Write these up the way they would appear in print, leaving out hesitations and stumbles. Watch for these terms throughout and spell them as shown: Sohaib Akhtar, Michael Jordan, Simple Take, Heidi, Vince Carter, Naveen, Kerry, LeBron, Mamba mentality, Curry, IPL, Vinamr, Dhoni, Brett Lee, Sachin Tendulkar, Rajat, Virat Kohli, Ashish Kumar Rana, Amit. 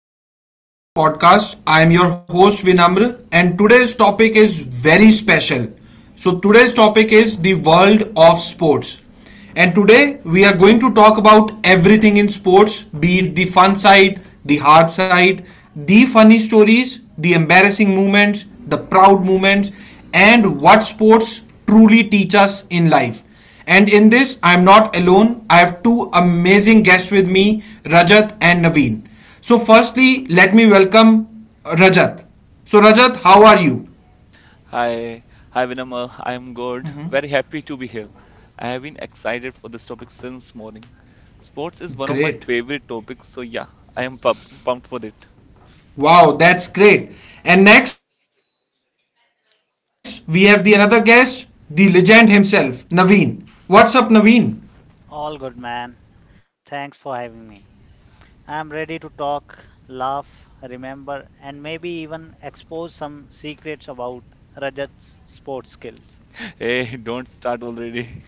everyone to today's podcast. I am your host Vinamr and today's topic is very special. So today's topic is the world of sports. And today we are going to talk about everything in sports, be it the fun side, the hard side, the funny stories, the embarrassing moments, the proud moments and what sports truly teach us in life. And in this, I'm not alone. I have two amazing guests with me, Rajat and Naveen. So, firstly, let me welcome Rajat. So, Rajat, how are you? Hi, hi Vinamr. I'm good. Very happy to be here. I have been excited for this topic since morning. Sports is one of my Great. favorite topics, so yeah, I am pumped for it. Wow, that's great. And next, we have the another guest, the legend himself, Naveen. What's up, Naveen? All good, man. Thanks for having me. I'm ready to talk, laugh, remember, and maybe even expose some secrets about Rajat's sports skills. Hey, don't start already.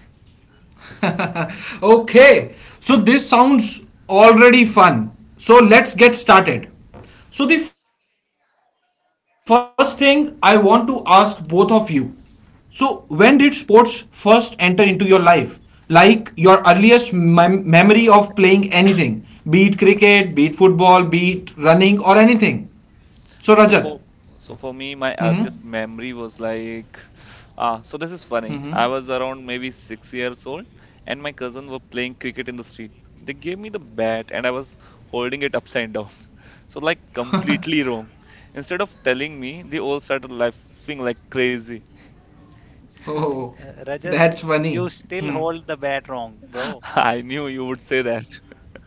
Okay, so this sounds already fun. So let's get started. So, the first thing I want to ask both of you so, when did sports first enter into your life? Like your earliest memory of playing anything, be it cricket, be it football, be it running, or anything. So, Rajat. So for so for me, my Hmm. earliest memory was like, so this is funny. I was around maybe 6 years old, and my cousin were playing cricket in the street. They gave me the bat, and I was holding it upside down, so like completely wrong. Instead of telling me, they all started laughing like crazy. Oh, Rajat, that's you funny. still Hmm. hold the bat wrong, bro. I knew you would say that.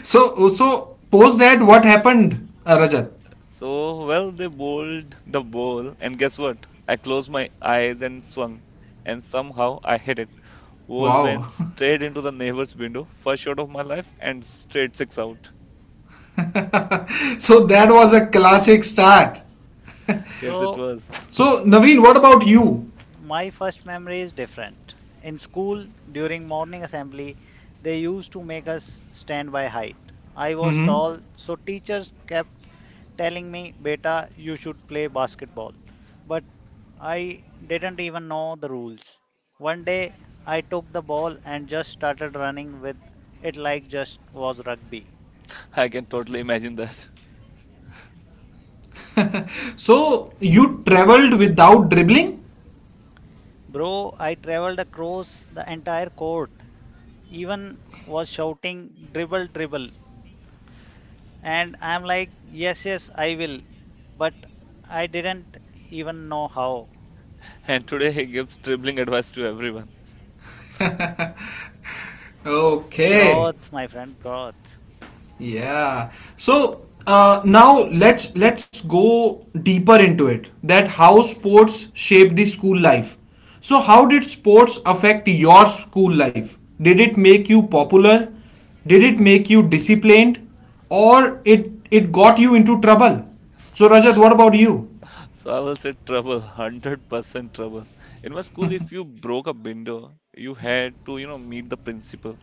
So, so post that, what happened, Rajat? So well, they bowled the ball, and guess what? I closed my eyes and swung, and somehow I hit it. Wall went Wow. straight into the neighbor's window. First shot of my life and straight six out. So that was a classic start. Yes, it So, was. So Naveen, what about you? my first memory is different. In school, during morning assembly, they used to make us stand by height. I was Hmm. tall, so teachers kept telling me, Beta, you should play basketball. But I didn't even know the rules. One day I took the ball and just started running with it like just was rugby. I can totally imagine that. So you traveled without dribbling? Bro, I traveled across the entire court, even was shouting dribble dribble, and I'm like yes yes I will, but I didn't even know how. And today he gives dribbling advice to everyone. Okay. Growth my friend growth. Yeah. So now let's go deeper into it. That how sports shape the school life. So how did sports affect your school life? Did it make you popular? Did it make you disciplined? Or it got you into trouble? So Rajat, what about you? So I will say trouble, 100% trouble. In my school, if you broke a window, you had to meet the principal.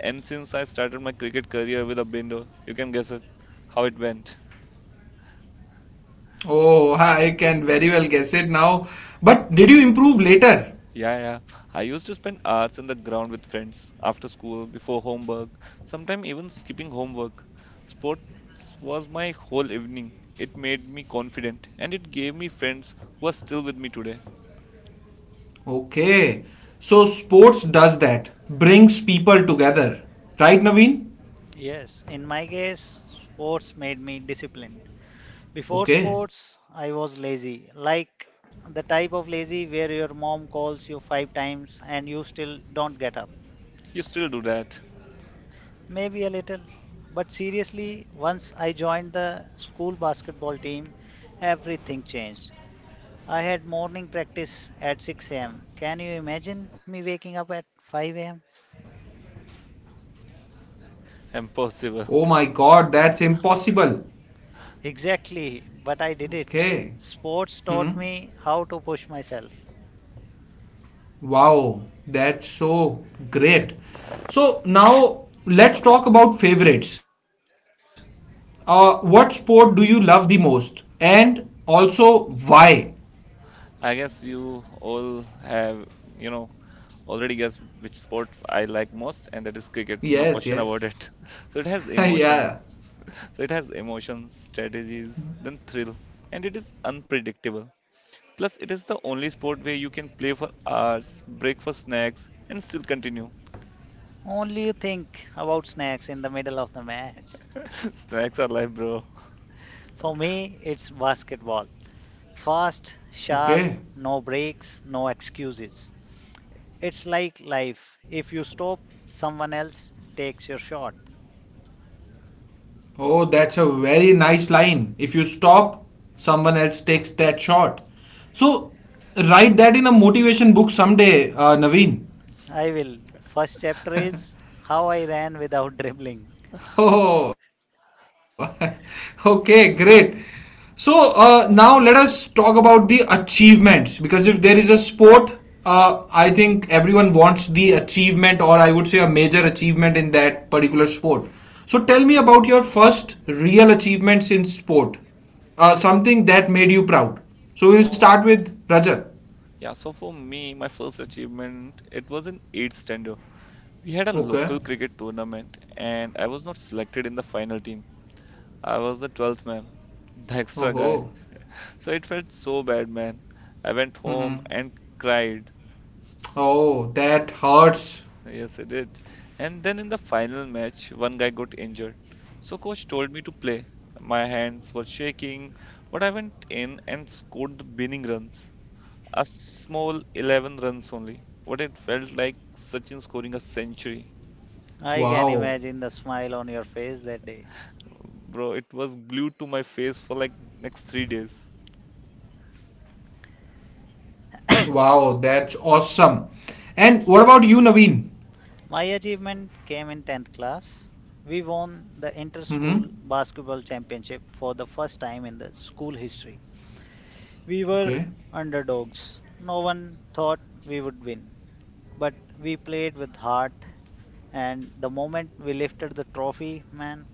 And since I started my cricket career with a window, you can guess it how it went. Oh, I can very well guess it now. But did you improve later? Yeah, yeah. I used to spend hours in the ground with friends after school, before homework, sometimes even skipping homework. Sports was my whole evening. It made me confident and it gave me friends who are still with me today. Okay. So sports does that, brings people together. Right, Naveen? Yes, in my case sports made me disciplined. Before Okay. sports, I was lazy, like the type of lazy where your mom calls you five times and you still don't get up. You still do that. Maybe a little. But seriously, once I joined the school basketball team, everything changed. I had morning practice at 6 a.m. Can you imagine me waking up at 5 a.m.? Impossible. Oh my god, that's impossible. Exactly, but I did it. Okay. Sports taught me Hmm. how to push myself. Wow, that's so great. So now let's talk about favorites. What sport do you love the most? And also why? I guess you all have, you know, already guessed which sports I like most, and that is cricket. No question about it. Yes, yes. So it has emotion. Yeah. So it has emotion, strategies, then thrill, and it is unpredictable. Plus, it is the only sport where you can play for hours, break for snacks, and still continue. Only you think about snacks in the middle of the match. Snacks are life, bro. For me, it's basketball. Fast, sharp, Okay. no breaks, no excuses. It's like life. If you stop, someone else takes your shot. Oh, that's a very nice line. If you stop, someone else takes that shot. So, write that in a motivation book someday, Naveen. I will. First chapter is how I ran without dribbling. Oh, okay, great. So now let us talk about the achievements because if there is a sport, I think everyone wants the achievement, or I would say a major achievement in that particular sport. So tell me about your first real achievements in sport, something that made you proud. So we'll So, start with Rajat. yeah, so for me, my first achievement, it was in 8th standard. We had a Okay. local cricket tournament, and I was not selected in the final team. I was the 12th man, the extra Oh, guy. oh. So it felt so bad, man. I went home Mhm. and cried. Oh, that hurts. Yes, I did. And then in the final match, one guy got injured. So coach told me to play. My hands were shaking, but I went in and scored the winning runs. A small 11 runs only. What it felt like Sachin scoring a century. I can Wow. imagine the smile on your face that day. Bro, it was glued to my face for like next 3 days. Wow, that's awesome. And what about you, Naveen? My achievement came in 10th class. We won the Mm-hmm. inter school basketball championship for the first time in the school history. We Okay. were underdogs. No one thought we would win, but we played with heart. And the moment we lifted the trophy, man,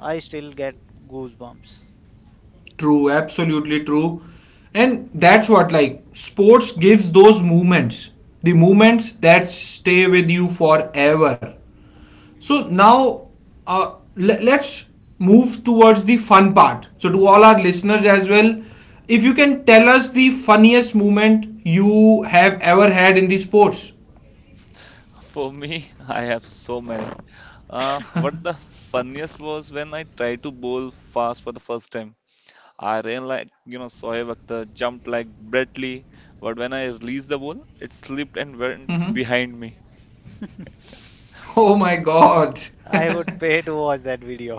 I still get goosebumps. True, absolutely true. And that's what like sports gives those movements, the movements that stay with you forever. So now let's move towards the fun part. So to all our listeners as well, if you can tell us the funniest moment you have ever had in the sports. For me, I have so many. What the funniest was when I tried to bowl fast for the first time. I ran like Sohaib Akhtar, jumped like Brett Lee, but when I released the ball, it slipped and Mm-hmm. went behind me. Oh my god. I would pay to watch that video.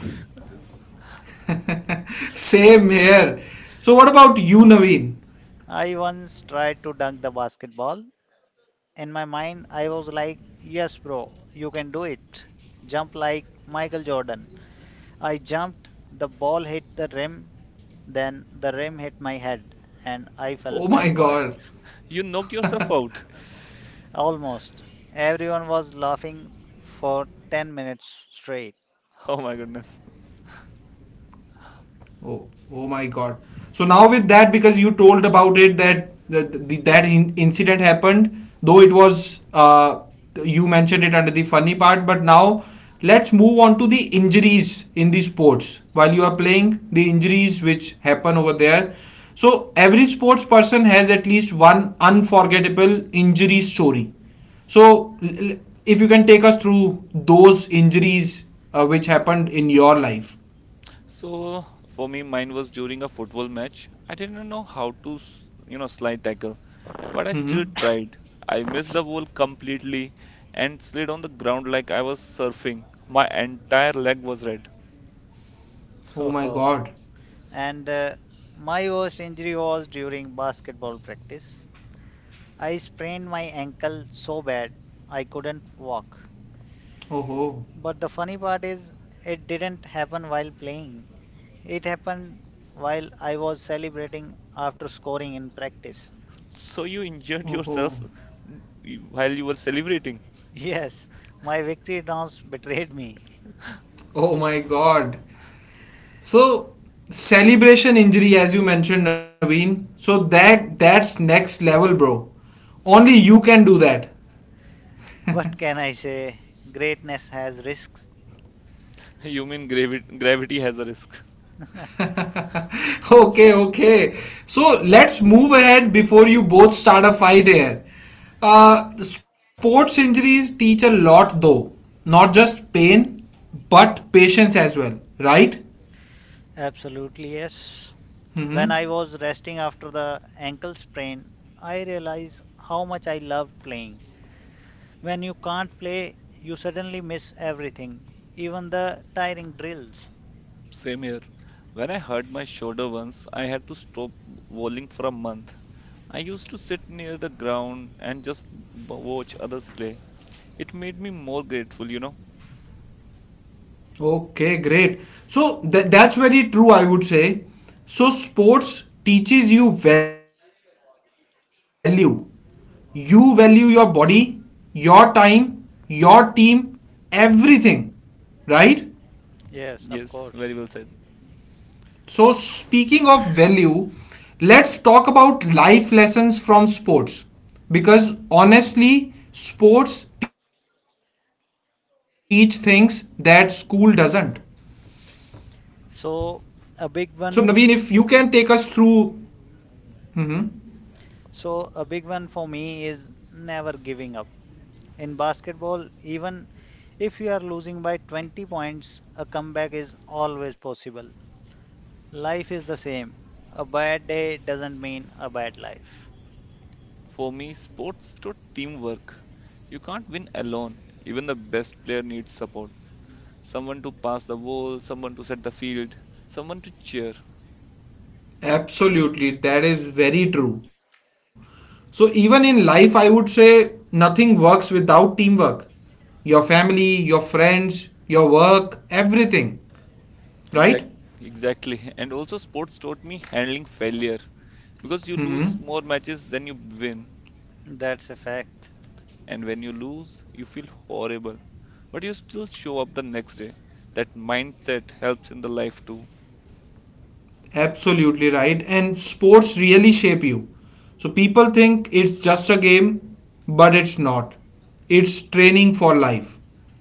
Same here. So, what about you, Naveen? I once tried to dunk the basketball. In my mind, I was like, yes, bro, you can do it. Jump like Michael Jordan. I jumped, the ball hit the rim, then the rim hit my head, and I fell Oh my backward. god. You knocked yourself out. Almost. Everyone was laughing for 10 minutes straight. Oh my goodness. Oh, oh my God. So now with that, because you told about it that the incident happened, though it was you mentioned it under the funny part, but now let's move on to the injuries in the sports while you are playing the injuries which happen over there. So every sports person has at least one unforgettable injury story. So if you can take us through those injuries which happened in your life. So for me, mine was during a football match. I didn't know how to slide tackle, but I still Mm-hmm. tried. I missed the ball completely and slid on the ground like I was surfing. My entire leg was red. Oh my god. And my worst injury was during basketball practice. I sprained my ankle so bad I couldn't walk. Oh ho. But the funny part is, it didn't happen while playing. It happened while I was celebrating after scoring in practice. So you injured Oh ho. yourself while you were celebrating. Yes, my victory dance betrayed me. Oh my god. So celebration injury as you mentioned Naveen. So that that's next level bro. Only you can do that. What can I say? Greatness has risks. You mean gravity has a risk. Okay, okay. So let's move ahead before you both start a fight here. Sports injuries teach a lot though. Not just pain, but patience as well, right? Absolutely, yes. Mm-hmm. When I was resting after the ankle sprain, I realized how much I loved playing. When you can't play, you suddenly miss everything, even the tiring drills. Same here. When I hurt my shoulder once, I had to stop bowling for a month. I used to sit near the ground and just watch others play. It made me more grateful. Okay, great. So that's very true, I would say. So sports teaches you value. You value your body, your time, your team, everything, right? Yes, of Yes, very course. well said. So speaking of value, let's talk about life lessons from sports because honestly, sports teach things that school doesn't. So So Naveen, a if you big can one, take us through. Mhm. so a big one for me is never giving up. In basketball, even if you are losing by 20 points, a comeback is always possible. Life is the same. A bad day doesn't mean a bad life. For me, sports taught teamwork. You can't win alone. Even the best player needs support. Someone to pass the ball, someone to set the field, someone to cheer. Absolutely, that is very true. So, even in life, I would say nothing works without teamwork. Your family, your friends, your work, everything, right? Exact, exactly. And also, sports taught me handling failure because you lose Mm-hmm. more matches than you win. That's a fact. And when you lose, you feel horrible, but you still show up the next day. That mindset helps in the life too. Absolutely right. And sports really shape you. So, people think it's just a game, but it's not. It's training for life.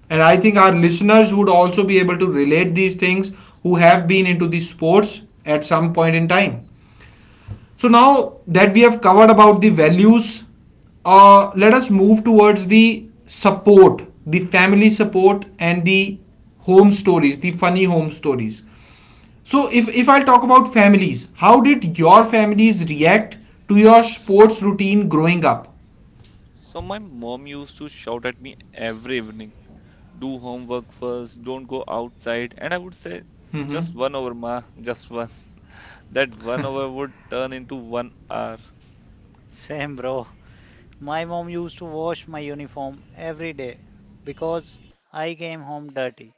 And I think our listeners would also be able to relate these things who have been into the sports at some point in time. So now that we have covered about the values, let us move towards the support, the family support, and the home stories, the funny home stories. So if I'll talk about families, how did your families react to your sports routine growing up? So my mom used to shout at me every evening, do homework first, don't go outside. And I would say, Mm-hmm. just one hour, ma, just one. That one hour would turn into one hour. Same, bro. My mom used to wash my uniform every day because I came home dirty.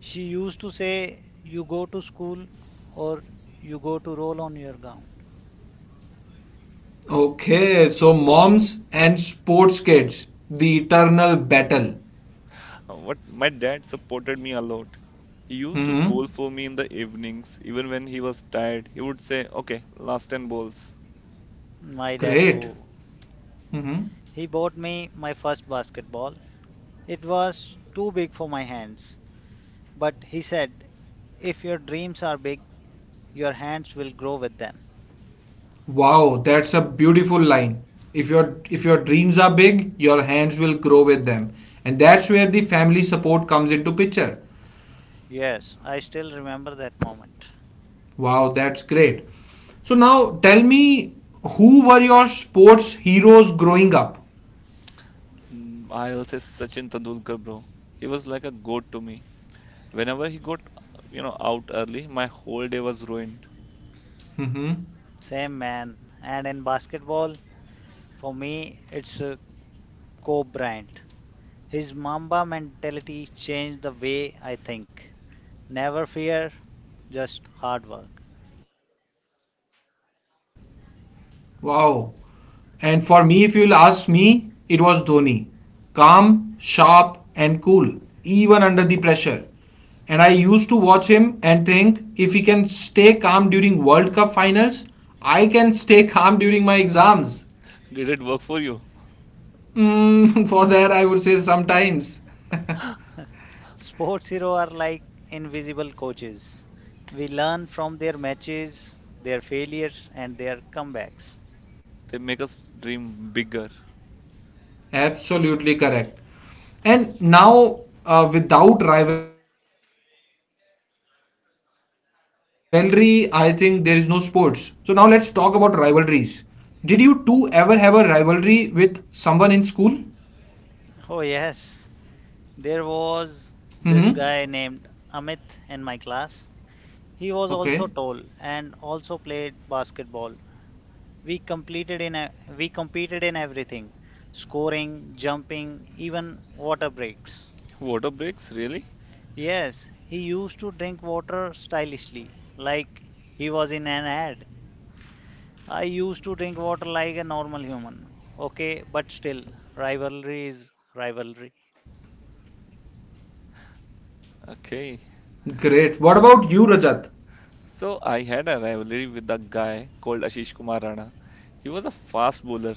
She used to say, You go to school or you go to roll on your gown. Okay, so moms and sports kids, the eternal battle. What my dad supported me a lot. He used to Mm-hmm. bowl for me in the evenings, even when he was tired. He would say, Okay, last 10 bowls. My dad, Great. too. Mm-hmm. He bought me my first basketball. It was too big for my hands, but he said, If your dreams are big, your hands will grow with them. Wow, that's a beautiful line. If your dreams are big, your hands will grow with them. And that's where the family support comes into picture. Yes, I still remember that moment. Wow, that's great. So now tell me who were your sports heroes growing up? I will say Sachin Tendulkar, bro. He was like a goat to me. Whenever he got out early, my whole day was ruined. Hmm. Same man. And in basketball, for me, it's a co brand. His Mamba mentality changed the way I think. Never fear, just hard work. Wow. And for me, if you'll ask me, it was Dhoni. Calm, sharp, and cool, even under the pressure. And I used to watch him and think if he can stay calm during World Cup finals, I can stay calm during my exams. Did it work for you? Mm, for that, I would say sometimes. Sports heroes are like invisible coaches. We learn from their matches, their failures, and their comebacks. They make us dream bigger. Absolutely correct. And now, without rivalry, I think there is no sports. So, now let's talk about rivalries. Did you two ever have a rivalry with someone in school? Oh, yes, there Mm hmm. was this guy named Amit in my class. He Okay. was also tall and also played basketball. We completed in a, we competed in everything, scoring, jumping, even water breaks. Water breaks, really? Yes, he used to drink water stylishly, like he was in an ad. I used to drink water like a normal human. Okay, but still, rivalry is rivalry. Okay. Great. What about you, Rajat? So I had a rivalry with a guy called Ashish Kumar Rana. He was a fast bowler.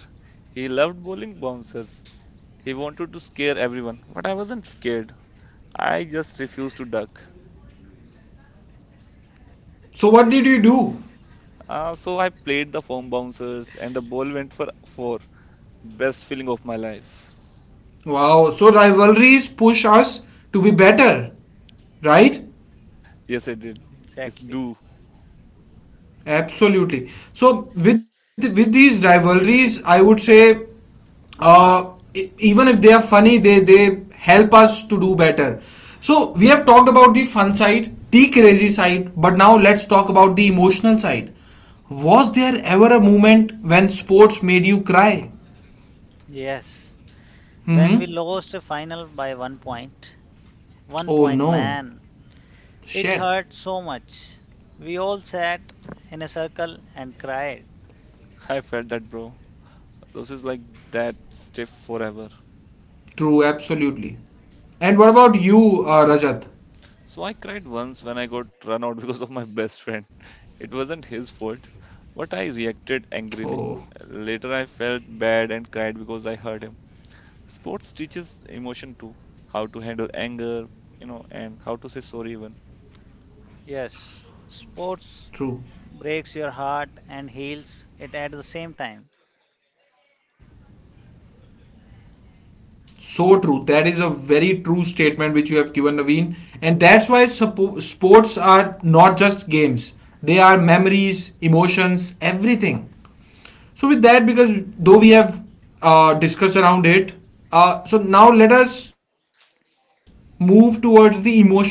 He loved bowling bouncers. He wanted to scare everyone, but I wasn't scared. I just refused to duck. So, what did you do? So I played the foam bouncers and the ball went for four. Best feeling of my life. Wow, so rivalries push us to be better, right? Yes, I did. It's Exactly. do. Absolutely. So with these rivalries, I would say uh, even if they are funny, they help us to do better. So we have talked about the fun side, the crazy side, but now let's talk about the emotional side. Was there ever a moment when sports made you cry? Yes. When Mm-hmm. we lost a final by 1 point, one Oh point, no. man, it Shit. hurt so much. We all sat in a circle and cried. I felt that, bro. Losses like that stiff forever. True, absolutely. And what about you, Rajat? So I cried once when I got run out because of my best friend. It wasn't his fault, but I Oh, reacted angrily. Later, I felt bad and cried because I hurt him. Sports teaches emotion too, how to handle anger, and how to say sorry even. Yes, sports true. breaks your heart and heals it at the same time. So true. That is a very true statement which you have given, Naveen. And that's why sports are not just games, they are memories, emotions, everything. So, with that, because though we have discussed around it, so now let us move towards the emotional side of sports.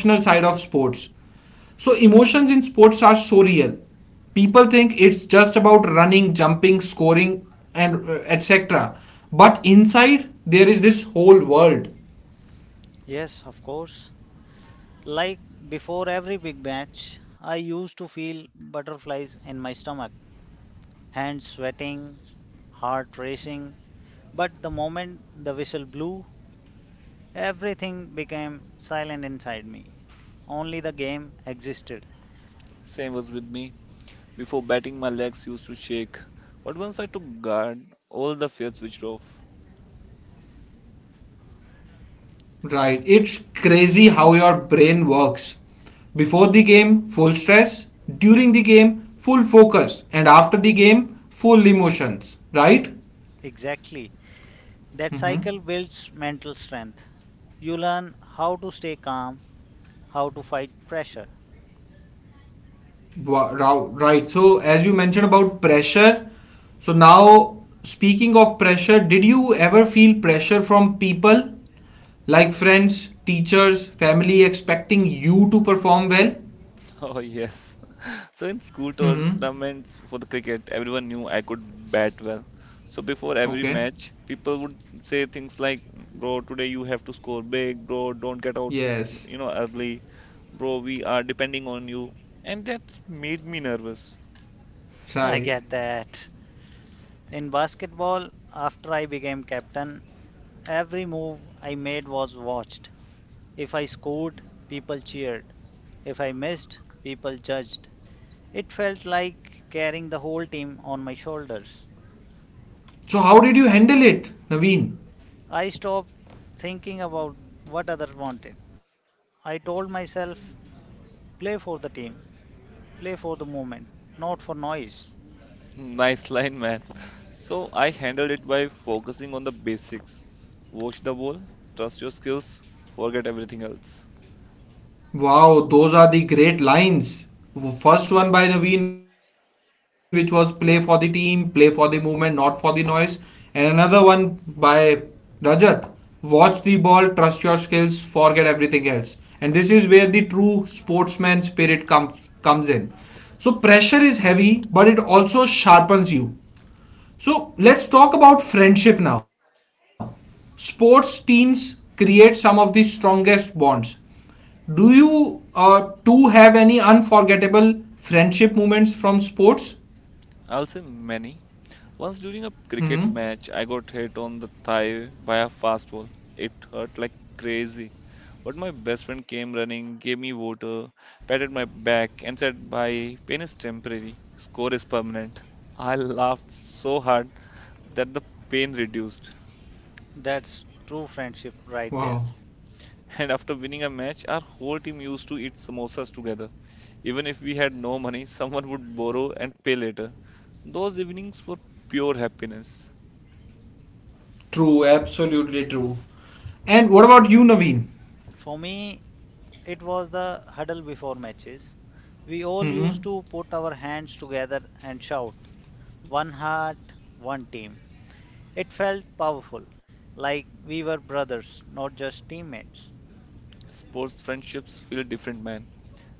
So, emotions in sports are so real. People think it's just about running, jumping, scoring, and etc. But inside, there is this whole world, Yes, of course. Like before every big match, I used to feel butterflies in my stomach, hands sweating, heart racing. But the moment the whistle blew, everything became silent inside me. Only the game existed. Same was with me. Before batting, my legs used to shake, but once I took guard, all the fears switched off. right? It's crazy how your brain works. Before the game, full stress. During the game, full focus. And after the game, full emotions, right? E- Exactly. That Mm-hmm. cycle builds mental strength. You learn how to stay calm, how to fight pressure. Right. So, as you mentioned about pressure, so now speaking of pressure, did you ever feel pressure from people like friends, teachers, family expecting you to perform well? Oh yes. So in school Mm-hmm. tournaments for the cricket, everyone knew I could bat well. So before every Okay. match, people would say things like, "Bro, today you have to score big, bro. Don't get out, Yes. you know, early, bro. We are depending on you." And that made me nervous. I Right. get that. In basketball, after I became captain, every move I made was watched. If I scored, people cheered. If I missed, people judged. It felt like carrying the whole team on my shoulders. So, how did you handle it, Naveen? I stopped thinking about what others wanted. I told myself, play for the team, play for the moment, not for noise. Nice line, man. So I handled it by focusing on the basics. Watch the ball, trust your skills, forget everything else. Wow, those are the great lines. First one by Naveen, which was play for the team, play for the movement, not for the noise. And another one by Rajat, watch the ball, trust your skills, forget everything else. And this is where the true sportsman spirit comes in. So pressure is heavy, but it also sharpens you. So let's talk about friendship now. Sports teams create some of the strongest bonds. Do you two have any unforgettable friendship moments from sports? I'll say many. Once during a Hmm. cricket match, I got hit on the thigh by a fast ball. It hurt like crazy. But my best friend came running, gave me water, patted my back, and said, "Bye, pain is temporary, score is permanent. I laughed so hard that the pain reduced. That's true friendship right Wow. there. And after winning a match, our whole team used to eat samosas together. Even if we had no money, someone would borrow and pay later. Those evenings were pure happiness. True. Absolutely true. And what about you, Naveen? For me, it was the huddle before matches. We all Hmm. used to put our hands together and shout, one heart, one team. It felt powerful, like we were brothers, not just teammates. Sports friendships feel different, man.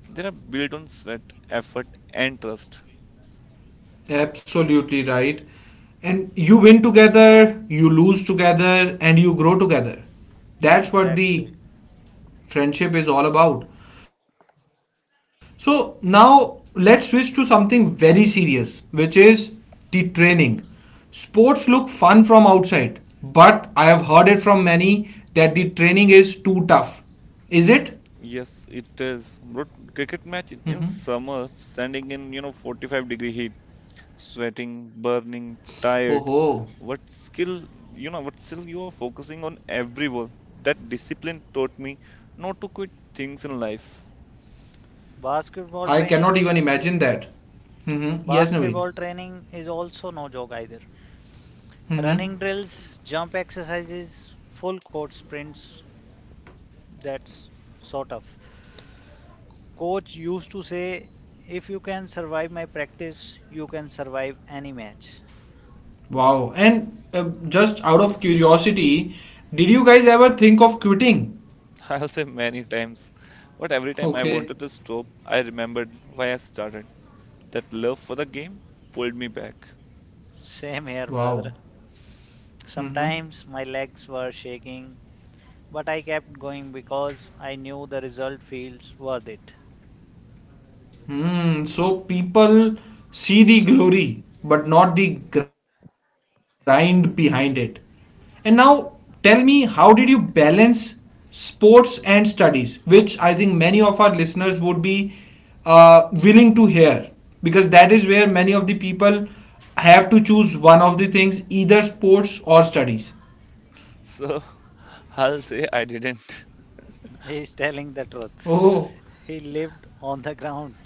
They are built on sweat, effort, and trust. Absolutely right. And you win together, you lose together, and you grow together. That's what Exactly. the friendship is all about. So now let's switch to something very serious, which is the training. Sports look fun from outside, but I have heard it from many that the training is too tough. Is it? Yes, it is. Bro, cricket match in Mm-hmm. in summer, standing in 45-degree heat, sweating, Oh, burning, ho. tired. What skill you are focusing on every ball. That discipline taught me not to quit things in life. I Basketball cannot even training, imagine that. Mm-hmm. Yes, Naveen. basketball training is also no joke either. Mm-hmm. Running drills, jump exercises, full court sprints, that's sort of. Coach used to say, if you can survive my practice, you can survive any match. Wow. And just out of curiosity, did you guys ever think of quitting? I'll say many times, but every time I Okay. wanted to stop, I remembered why I started. That love for the game pulled me back. Same here, Wow. brother. Mm-hmm. Sometimes my legs were shaking, but I kept going because I knew the result feels worth it. Hmm, so people see the glory but not the grind behind it. And now tell me how did you balance sports and studies which I think many of our listeners would be willing to hear because that is where many of the people have to choose one of the things either sports or studies. So I'll say I didn't. He's telling the truth. Oh, He lived on the ground.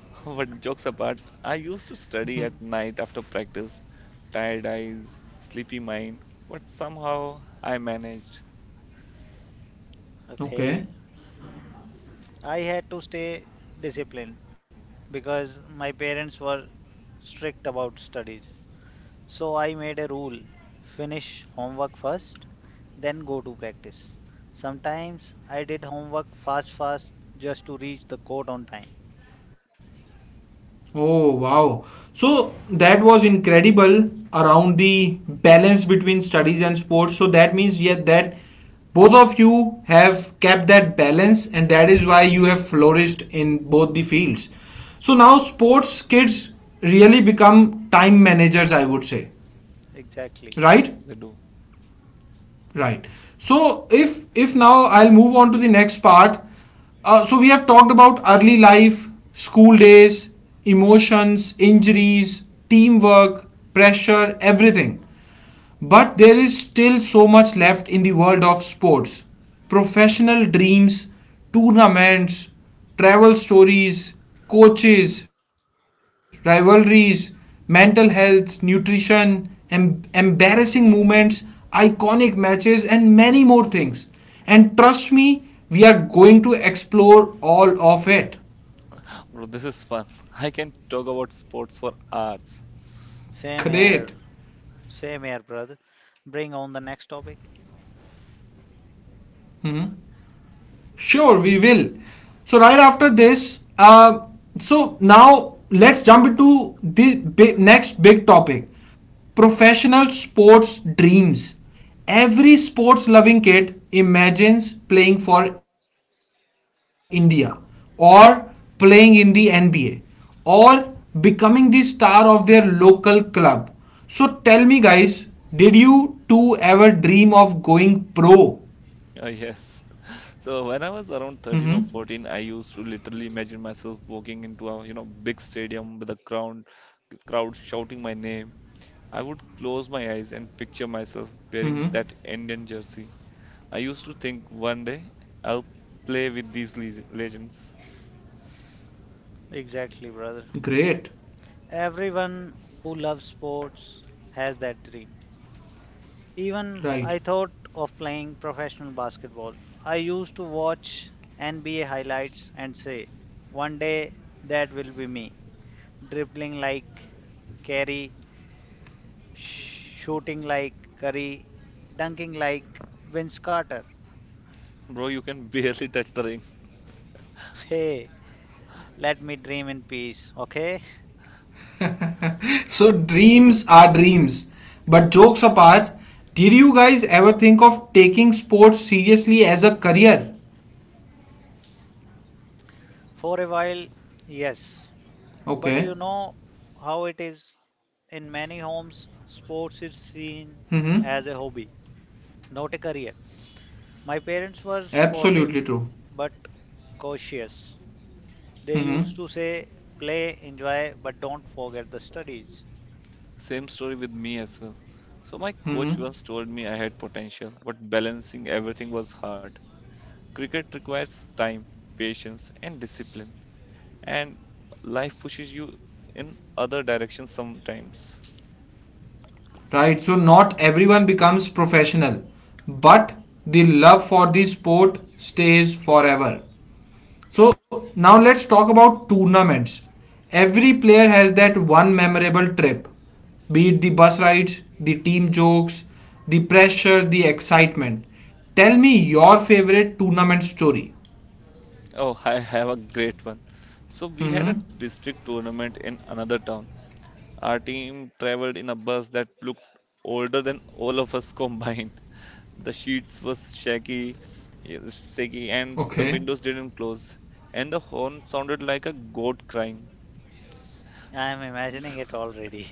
But jokes apart, I used to study at night after practice, tired eyes, sleepy mind, but somehow I managed Okay. okay. I had to stay disciplined because my parents were strict about studies. So I made a rule, finish homework first, then go to practice. Sometimes I did homework fast, fast just to reach the court on time. Oh wow. So that was incredible around the balance between studies and sports. So that means yeah that both of you have kept that balance and that is why you have flourished in both the fields. So now sports kids really become time managers I would say. Exactly. Right? to do. Right, so if now I'll move on to the next part, so we have talked about early life, school days, emotions, injuries, teamwork, pressure, everything, but there is still so much left in the world of sports: professional dreams, tournaments, travel stories, coaches, rivalries, mental health, nutrition, embarrassing moments, iconic matches, and many more things. And trust me, we are going to explore all of it. Bro, this is fun. I can talk about sports for hours. Same here. Great. Same here, brother. Bring on the next topic. Mhm. Sure, we will. So right after this, now let's jump into the next big topic: professional sports dreams. Every sports-loving kid imagines playing for India, or playing in the NBA, or becoming the star of their local club. So tell me, guys, did you two ever dream of going pro? Oh, yes. So when I was around Mm-hmm. 13 or 14, I used to literally imagine myself walking into a big stadium with a crowd shouting my name. I would close my eyes and picture Mm-hmm. myself wearing that Indian jersey. I used to think one day I'll play with these legends. Exactly, brother. Great. Everyone who loves sports has that dream. Even Right. I thought of playing professional basketball. I used to watch NBA highlights and say, one day that will be me. Dribbling like Kerry, shooting like Curry, dunking like Vince Carter. Bro, you can barely touch the ring. Hey, let me dream in peace, okay? So dreams are dreams. But jokes apart, did you guys ever think of taking sports seriously as a career? For a while, yes. But Okay. you know how it is. In many homes, sports Mm-hmm. is seen as a hobby, not a career. My parents were Absolutely true. supportive but cautious. They Mm-hmm. used to say, play, enjoy, but don't forget the studies. Same story with me as well. So, my coach Mm-hmm. once told me I had potential, but balancing everything was hard. Cricket requires time, patience, and discipline, and life pushes you in other directions sometimes. Right. So not everyone becomes professional, but the love for the sport stays forever. So now let's talk about tournaments. Every player has that one memorable trip, be it the bus rides, the team jokes, the pressure, the excitement. Tell me your favorite tournament story. Oh, I have a great one. So, we had a Hmm. district tournament in another town. Our team traveled in a bus that looked older than all of us combined. The sheets was shaky, yeah, Okay. shaky, and the windows didn't close, and the horn sounded like a goat crying. I am imagining it already.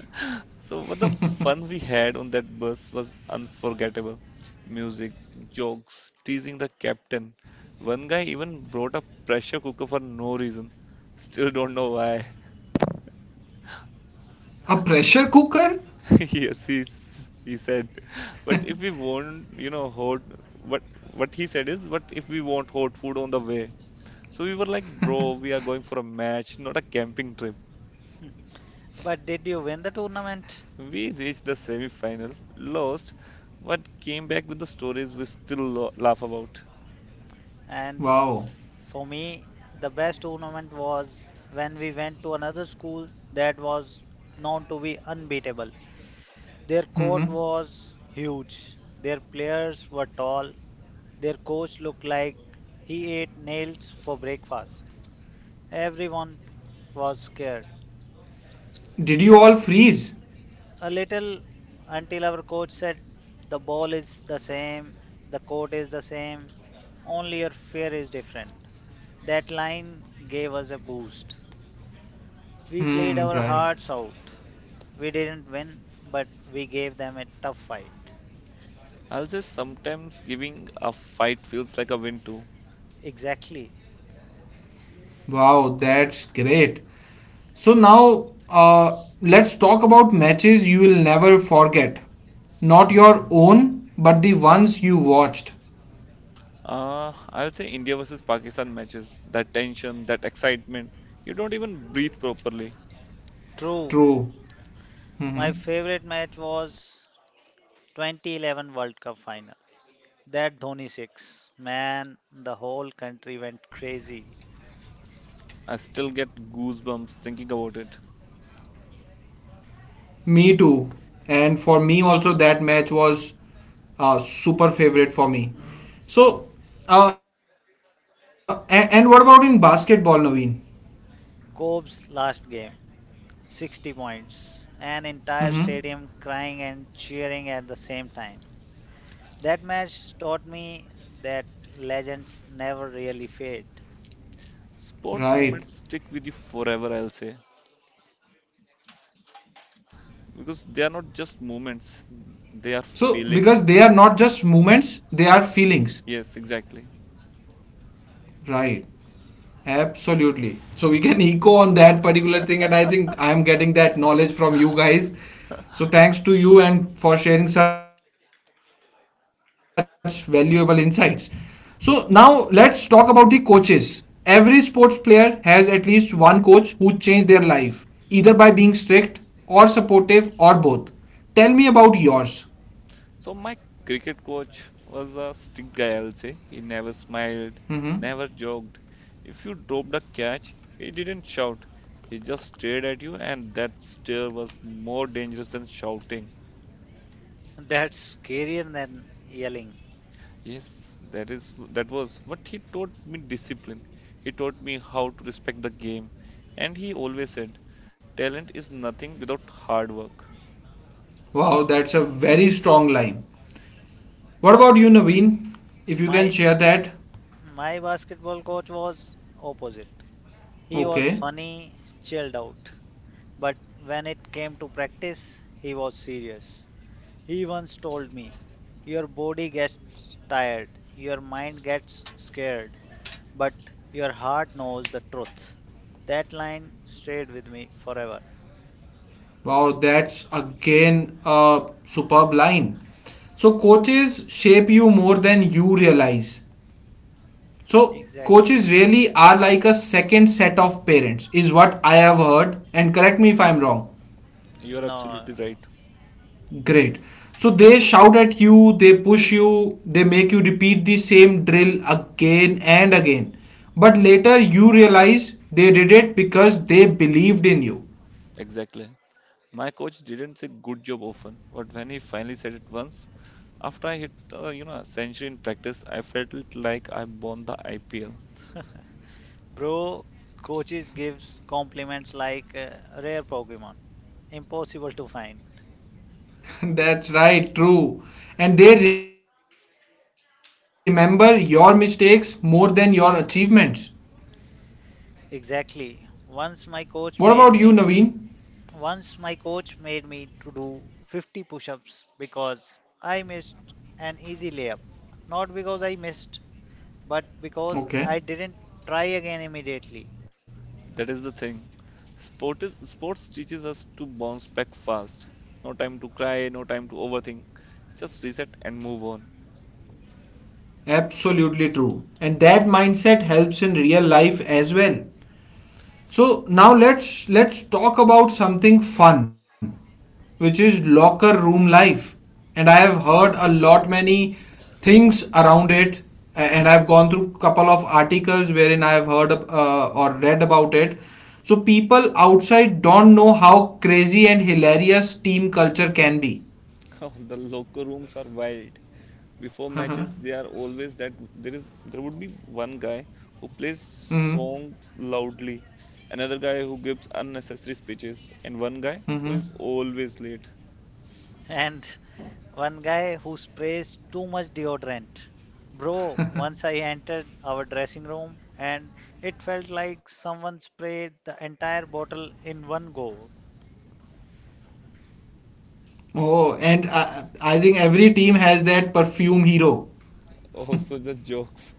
So what the fun we had on that bus was unforgettable. Music, jokes, teasing the captain. One guy even brought a pressure cooker for no reason. Still don't know why. A pressure cooker? Yes, he said. But if we want hot, what what he said is, but if we want hot food on the way? So we were like, bro, we are going for a match, not a camping trip. But did you win the tournament? We reached the semi-final, lost, but came back with the stories we still laugh about. And Wow. for me, the best tournament was when we went to another school that was known to be unbeatable. Their Hmm. court was huge, their players were tall. Their coach looked like he ate nails for breakfast. Everyone was scared. Did you all freeze? A little, until our coach said, The ball is the same, the court is the same, only your fear is different. That line gave us a boost. We played Hmm, our right. hearts out. We didn't win, but we gave them a tough fight. I'll say sometimes giving a fight feels like a win too. Exactly. Wow, that's great. So now let's talk about matches you will never forget. Not your own, but the ones you watched. I'll say India versus Pakistan matches, that tension, that excitement, you don't even breathe properly. True. True. My Mhm. favorite match was 2011 World Cup final. That Dhoni 6, man, the whole country went crazy. I still get goosebumps thinking about it. Me too. And for me also, that match was super favorite for me. So, and what about in basketball, Naveen? Cobb's last game, 60 points, an entire stadium Mm-hmm. crying and cheering at the same time. That match taught me that legends never really fade. Sports moments stick with you forever, Right. I'll say, because they are not just moments, So, they are because they are not feelings. just movements, they are feelings. Yes, exactly. Right. Absolutely. So we can echo on that particular thing, and I think I am getting that knowledge from you guys. So thanks to you and for sharing such valuable insights. So now let's talk about the coaches. Every sports player has at least one coach who changed their life, either by being strict or supportive or both. Tell me about yours. So my cricket coach was a strict guy, I'll say. He never smiled, Hmm. never joked. If you dropped a catch, he didn't shout. He just stared at you, and that stare was more dangerous than shouting. That's scarier than yelling. Yes, that was what he taught me discipline. He taught me how to respect the game, and he always said, talent is nothing without hard work. Wow, that's a very strong line. What about you, Naveen? If you can My share that. my basketball coach was opposite. He was Okay. funny, chilled out, but when it came to practice, he was serious. He once told me, Your body gets tired, your mind gets scared, but your heart knows the truth. That line stayed with me forever. Wow, that's again a superb line. So, coaches shape you more than you realize. So, Exactly. coaches really are like a second set of parents, is what I have heard. And correct me if I'm wrong. You're No, no, absolutely no. right. Great. So, they shout at you, they push you, they make you repeat the same drill again and again. But later, you realize they did it because they believed in you. Exactly. My coach didn't say good job often, but when he finally said it once. After I hit, a century in practice, I felt it like I won the IPL. Bro, coaches gives compliments like rare Pokemon, impossible to find. That's right, true. And they remember your mistakes more than your achievements. Exactly. What about you, Naveen? Once my coach made me to do 50 push-ups because I missed an easy layup. Not because I missed, but Okay, because I didn't try again immediately. That is the thing. Sports teaches us to bounce back fast. No time to cry, no time to overthink. Just reset and move on. absolutely true. And that mindset helps in real life as well. So now let's talk about something fun, which is locker room life. And I have heard a lot many things around it, and I've gone through couple of articles wherein I have heard or read about it. So people outside don't know how crazy and hilarious team culture can be. Oh, the locker rooms are wild. Before matches, they are always that there would be one guy who plays Mm-hmm. songs loudly, another guy who gives unnecessary speeches, and one guy who Mm-hmm. is always late. And one guy who sprays too much deodorant. Bro, once I entered our dressing room and it felt like someone sprayed the entire bottle in one go. Oh, and I think every team has that perfume hero. Also, the jokes.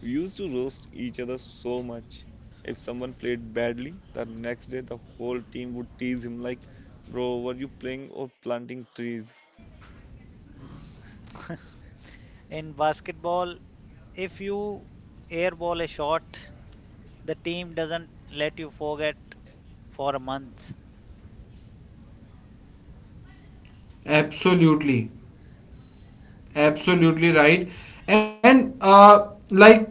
We used to roast each other so much. If someone played badly, the next day the whole team would tease him like, "Bro, were you playing or planting trees?" In basketball, if you airball a shot, the team doesn't let you forget for a month. Absolutely. Absolutely right. And like,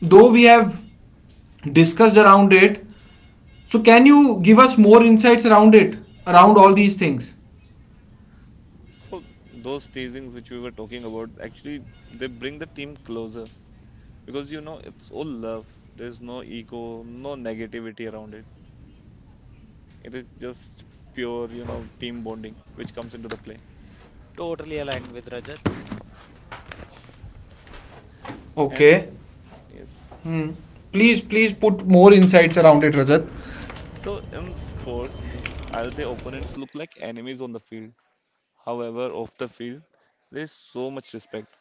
though we have discussed around it, so can you give us more insights around it, around all these things? So those teasings which we were talking about actually they bring the team closer because it's all love. There's no ego, no negativity around it. It is just pure, team bonding which comes into the play. Totally aligned with Rajat. And Okay. yes. Please, please put more insights around it, Rajat. So in sports, I'll say opponents look like enemies on the field. However, off the field, there's so much respect.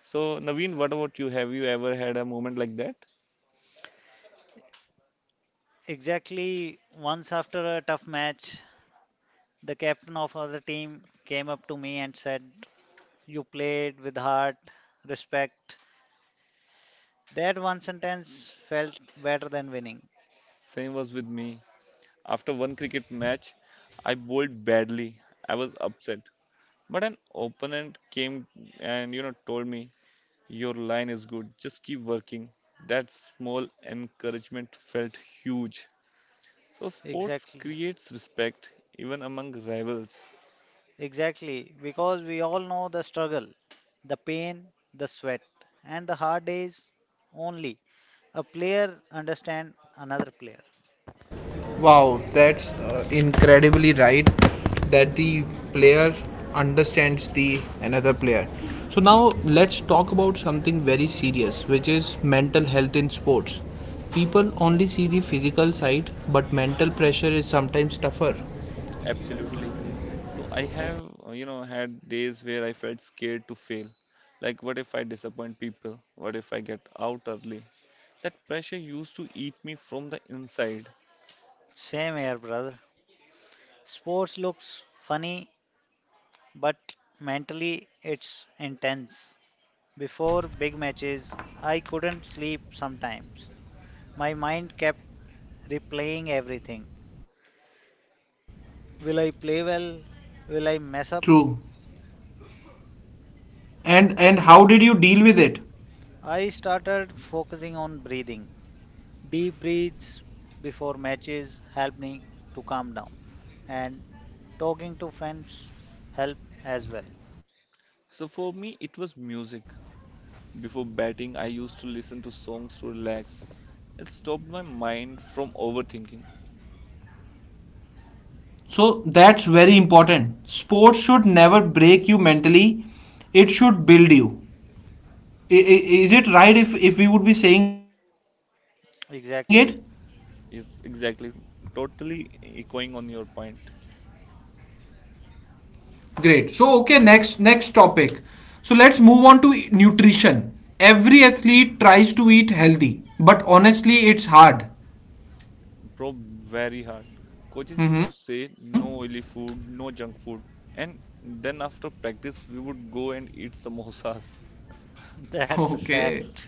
So, Naveen, what about you? Have you ever had a moment like that? Exactly, once after a tough match, the captain of other team came up to me and said, You played with heart, respect. That one sentence felt better than winning. Same was with me. After one cricket match, I bowled badly. I was upset. But an opponent came and told me, "Your line is good. Just keep working." That small encouragement felt huge. So sports Exactly. creates respect even among rivals. Exactly. Because we all know the struggle, the pain, the sweat, and the hard days only. A player understand another player. Wow, that's incredibly right that the player understands the another player. So now let's talk about something very serious, which is mental health in sports. People only see the physical side, but mental pressure is sometimes tougher. Absolutely. So I have, had days where I felt scared to fail. Like, what if I disappoint people? What if I get out early? That pressure used to eat me from the inside. Same here, brother. Sports looks funny, but mentally it's intense. Before big matches, I couldn't sleep sometimes. My mind kept replaying everything. Will I play well? Will I True. mess up? And how did you deal with it? I started focusing on breathing. Deep breaths before matches help me to calm down, and talking to friends help as well. So for me, it was music. Before batting, I used to listen to songs to relax. It stopped my mind from overthinking. So that's very important. Sports should never break you mentally. It should build you. Is it right if we would be saying it? Exactly, It's exactly, totally echoing on your point. Great. So okay, next next topic. So let's move on to nutrition. Every athlete tries to eat healthy, but honestly, it's hard. Bro, very hard. Coaches used to Mm-hmm. say no oily food, no junk food. And then after practice, we would go and eat samosas. that's a Okay. fact.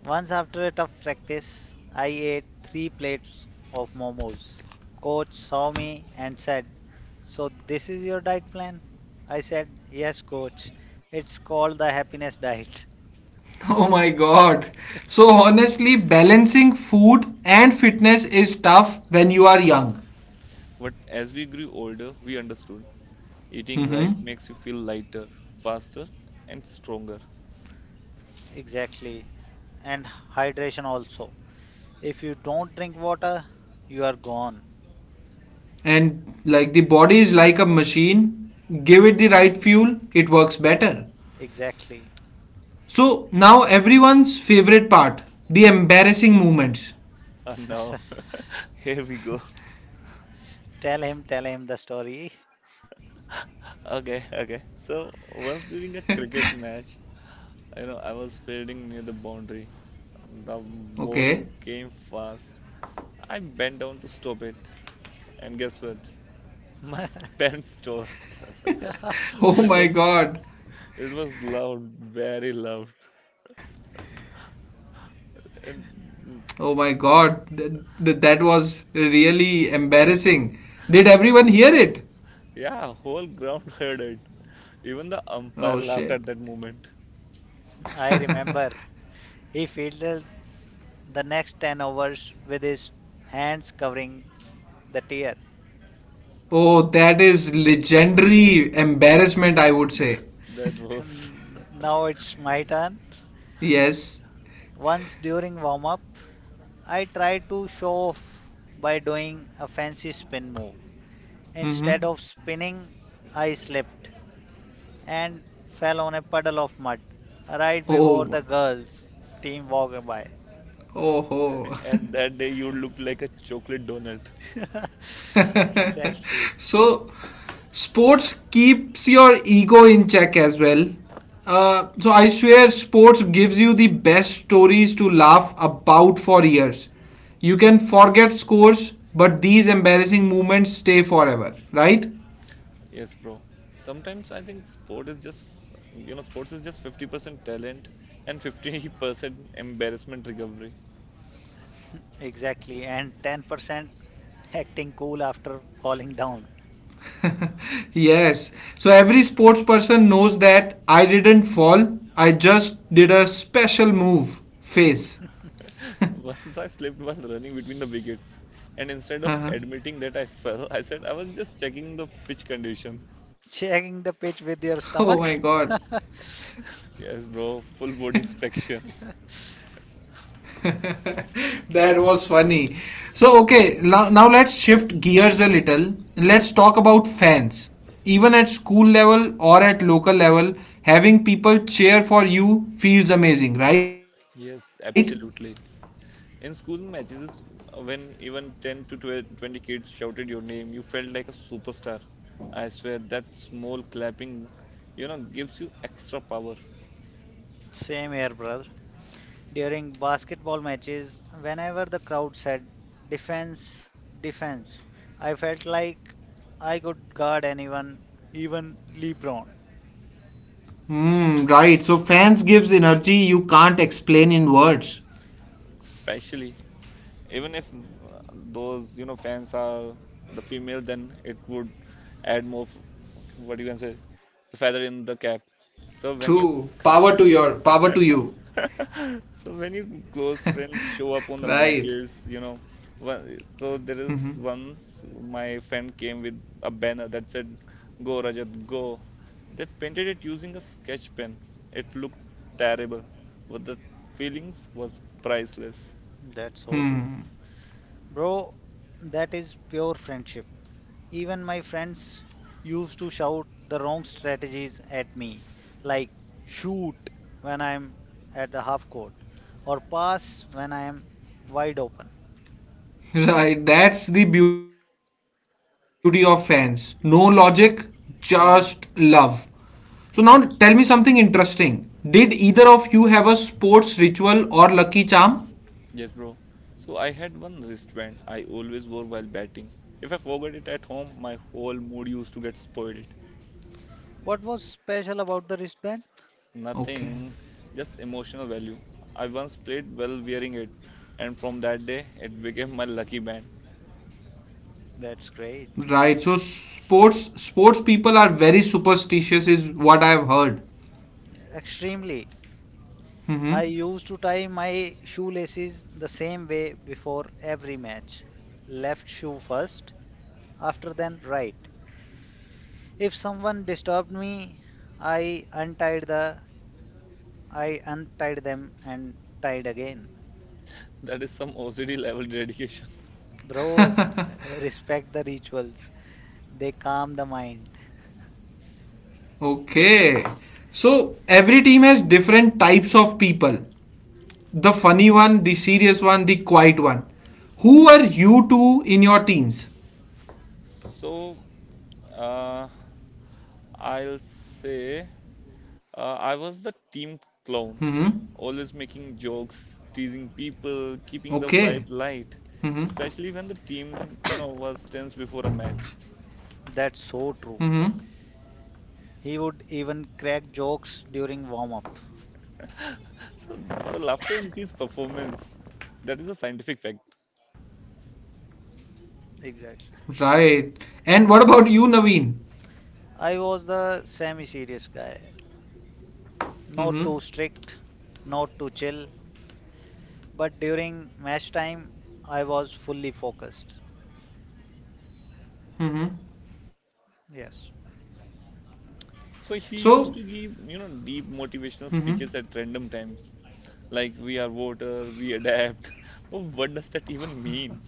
Once after a tough practice, I ate three plates of momos. Coach saw me and said, So this is your diet plan? I said, Yes, coach. It's called the happiness diet. Oh my god. So honestly, balancing food and fitness is tough when you are young. But as we grew older, we understood eating right Mm-hmm. makes you feel lighter, faster, and stronger. Exactly. And hydration also. If you don't drink water, you are gone. And like the body is like a machine. Give it the right fuel, it works better. Exactly. So now everyone's favorite part, the embarrassing moments. And now, here we go. Tell him the story. Okay, okay. So once during a cricket match, I know I was fielding near the boundary. The Okay. ball came fast. I bent down to stop it, and guess what? My pants tore. So Oh it my was, god. it was loud, very loud, Oh my and god. That was really embarrassing. Did everyone hear it? yeah, whole ground heard it. Even the umpire Oh laughed shit. at that moment. I remember he fielded the next 10 overs with his hands covering the tear. Oh, that is legendary embarrassment, I would say. That was, Now it's my turn. Yes. Once during warm up, I tried to show off by doing a fancy spin move. Mm-hmm. Instead of spinning, I slipped and fell on a puddle of mud right Oh before my. the girls' team walked by. Oh. Ho. and that day you looked like a chocolate donut. Exactly, So sports keeps your ego in check as well. So I swear sports gives you the best stories to laugh about for years. You can forget scores, but these embarrassing moments stay forever, right? Yes, bro. Sometimes I think sports is just 50% talent and 50% embarrassment recovery. exactly. And 10% acting cool after falling down. Yes. So every sports person knows that I didn't fall, I just did a special move face. Once I slipped while running between the wickets, and instead of admitting that I fell, I said I was just checking the pitch condition. Oh Checking my the pitch god. with your stomach. Yes, bro, full body inspection. That was funny. So, okay, now, now let's shift gears a little. Let's talk about fans. Even at school level or at local level, having people cheer for you feels amazing, right? Yes, absolutely. In school matches, when even 10 to 12 20 kids shouted your name, you felt like a superstar. I swear that small clapping, gives you extra power, Same here, brother. During basketball matches, whenever the crowd said, "Defense, defense," I felt like I could guard anyone, even LeBron. Hmm, right. So, fans gives energy you can't explain in words. especially even if those, fans are the female, then it would add more, what you can say, the feather in True. the cap. Power to your So when power you to you. So when your close friends Right. show up on the matches, one, Mhm. so there is once my friend came with a banner that said, "Go Rajat, go." They painted it using a sketch pen. It looked terrible, but the feelings was priceless. That's so true. Hmm. Bro, that is pure friendship. Even my friends used to shout the wrong strategies at me, like shoot when I'm at the half court, or pass when I'm wide open. Right. That's the beauty of fans. No logic, just love. Only So now tell me something exactly. interesting. Did either of you have a sports ritual or lucky charm? Yes, bro. So I had one wristband I always wore while batting. If I forgot it at home, my whole mood used to get spoiled. What was Okay. special about the wristband? Nothing, just emotional value. I once played well wearing it, and from that day, it became my lucky band. That's great. Right. So sports sports people are very superstitious is what I have heard. Extremely. I used to tie my shoelaces the same way before every match. Left shoe first, after then right. If someone disturbed me, I untied the I untied them and tied again. That is some OCD level dedication. Bro, Mhm. respect the rituals. They calm the mind. Okay. So every team has different types of people. The funny one, the serious one, the quiet one. Who were you two in your teams? So, uh, I'll say I Mhm. was the team clown, always making jokes, teasing Okay. people, keeping the vibe Mhm. light, especially when the team, was tense before a match. That's so true. Mhm. He would even crack jokes during warm up. So, the laughter increased performance. That is a scientific fact. Right. Exactly. And what about you, Naveen? I was the semi serious guy. Mm-hmm. Not too strict, not too chill, but during match time, I was fully focused. Mm-hmm. Yes, So So. he used to give, deep Mm-hmm. motivational speeches at random times, like we are water, we adapt. Oh, what does that even mean?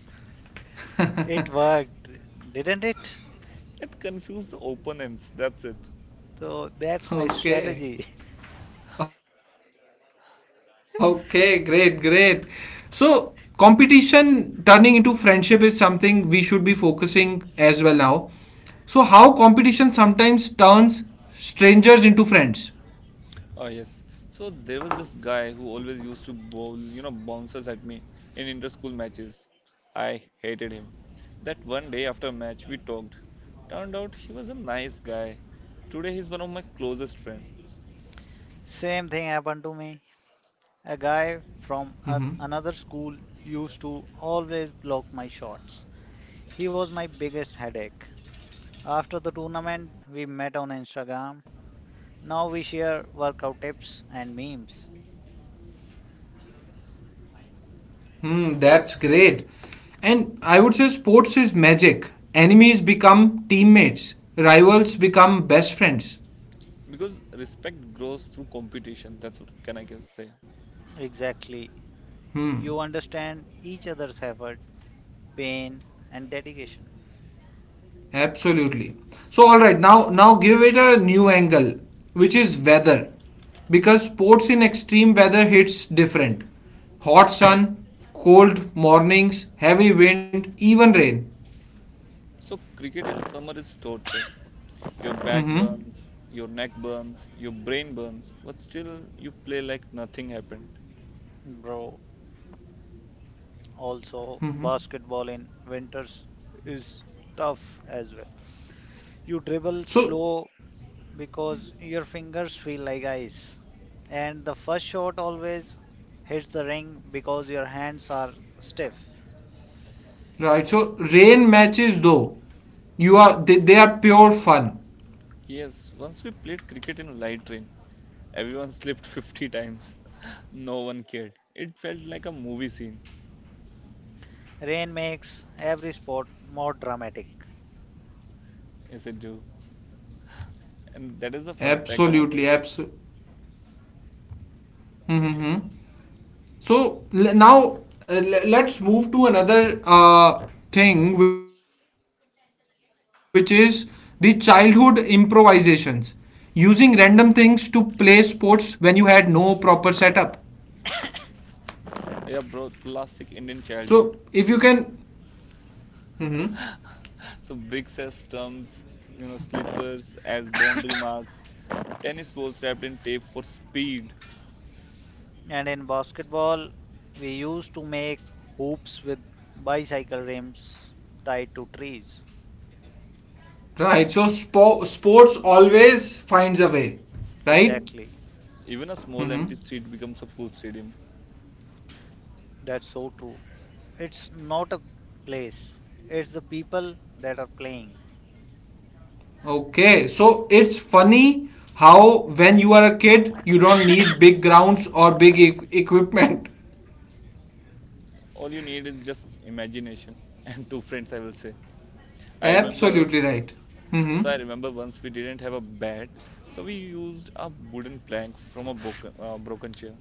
it worked, didn't it? It confused the opponents. That's it. So that's my Okay. strategy. Okay. Great. Great. So, competition turning into friendship is something we should be focusing as well now. So, how competition sometimes turns strangers into friends. Oh yes. So there was this guy who always used to bowl, bouncers at me in inter-school matches. I hated him. That one day after a match we talked. Turned out he was a nice guy. Today he's one of my closest friends. Same thing happened to me. Mm-hmm. A guy from another school used to always block my shots. He was my biggest headache. After the tournament, we met on Instagram. Now we share workout tips and memes. Hmm. That's great. And I would say sports is magic. Enemies become teammates. Rivals become best friends. Because respect grows through competition. That's what can I can say. Exactly. Hmm. You understand each other's effort, pain, and dedication. Absolutely. So all right, now now give it a new angle, which is weather. Because sports in extreme weather hits different. Hot sun, cold mornings, heavy wind, even rain. So, cricket in summer is torture. Your back Mhm. burns, your neck burns, your brain burns, but still you play like nothing happened. Bro, also, Mhm. basketball in winters is tough as well. You dribble So slow because your fingers feel like ice, and the first shot always hits the ring because your hands are stiff. right, so rain matches though. You are they are pure fun. Yes, once we played cricket in light rain, everyone slipped 50 times. No one cared. It felt like a movie scene. Rain makes every sport more dramatic. Yes, it do. And that is the fun fact Absolutely, about it. absolutely. Mm-hmm. Yes. So now uh, let's move to another thing, which is the childhood improvisations using random things to play sports when you had no proper setup. Yeah, bro, classic So Indian if you childhood. can, Mhm. So bricks as stumps, slippers as boundary marks, tennis balls wrapped in tape for speed. And in basketball, we used to make hoops with bicycle rims tied to trees. Right? So sports always finds a way, right? Exactly. Even a small Mm-hmm. empty street becomes a full stadium. That's so true. It's not a place, it's the people that are playing. Okay, so it's funny how when you are a kid, you don't need big grounds or big equipment. All you need is just imagination and two friends, I will say. I remember, Absolutely right. Hmm. so I remember once we didn't have a bat, so we used a wooden plank from a broken chair.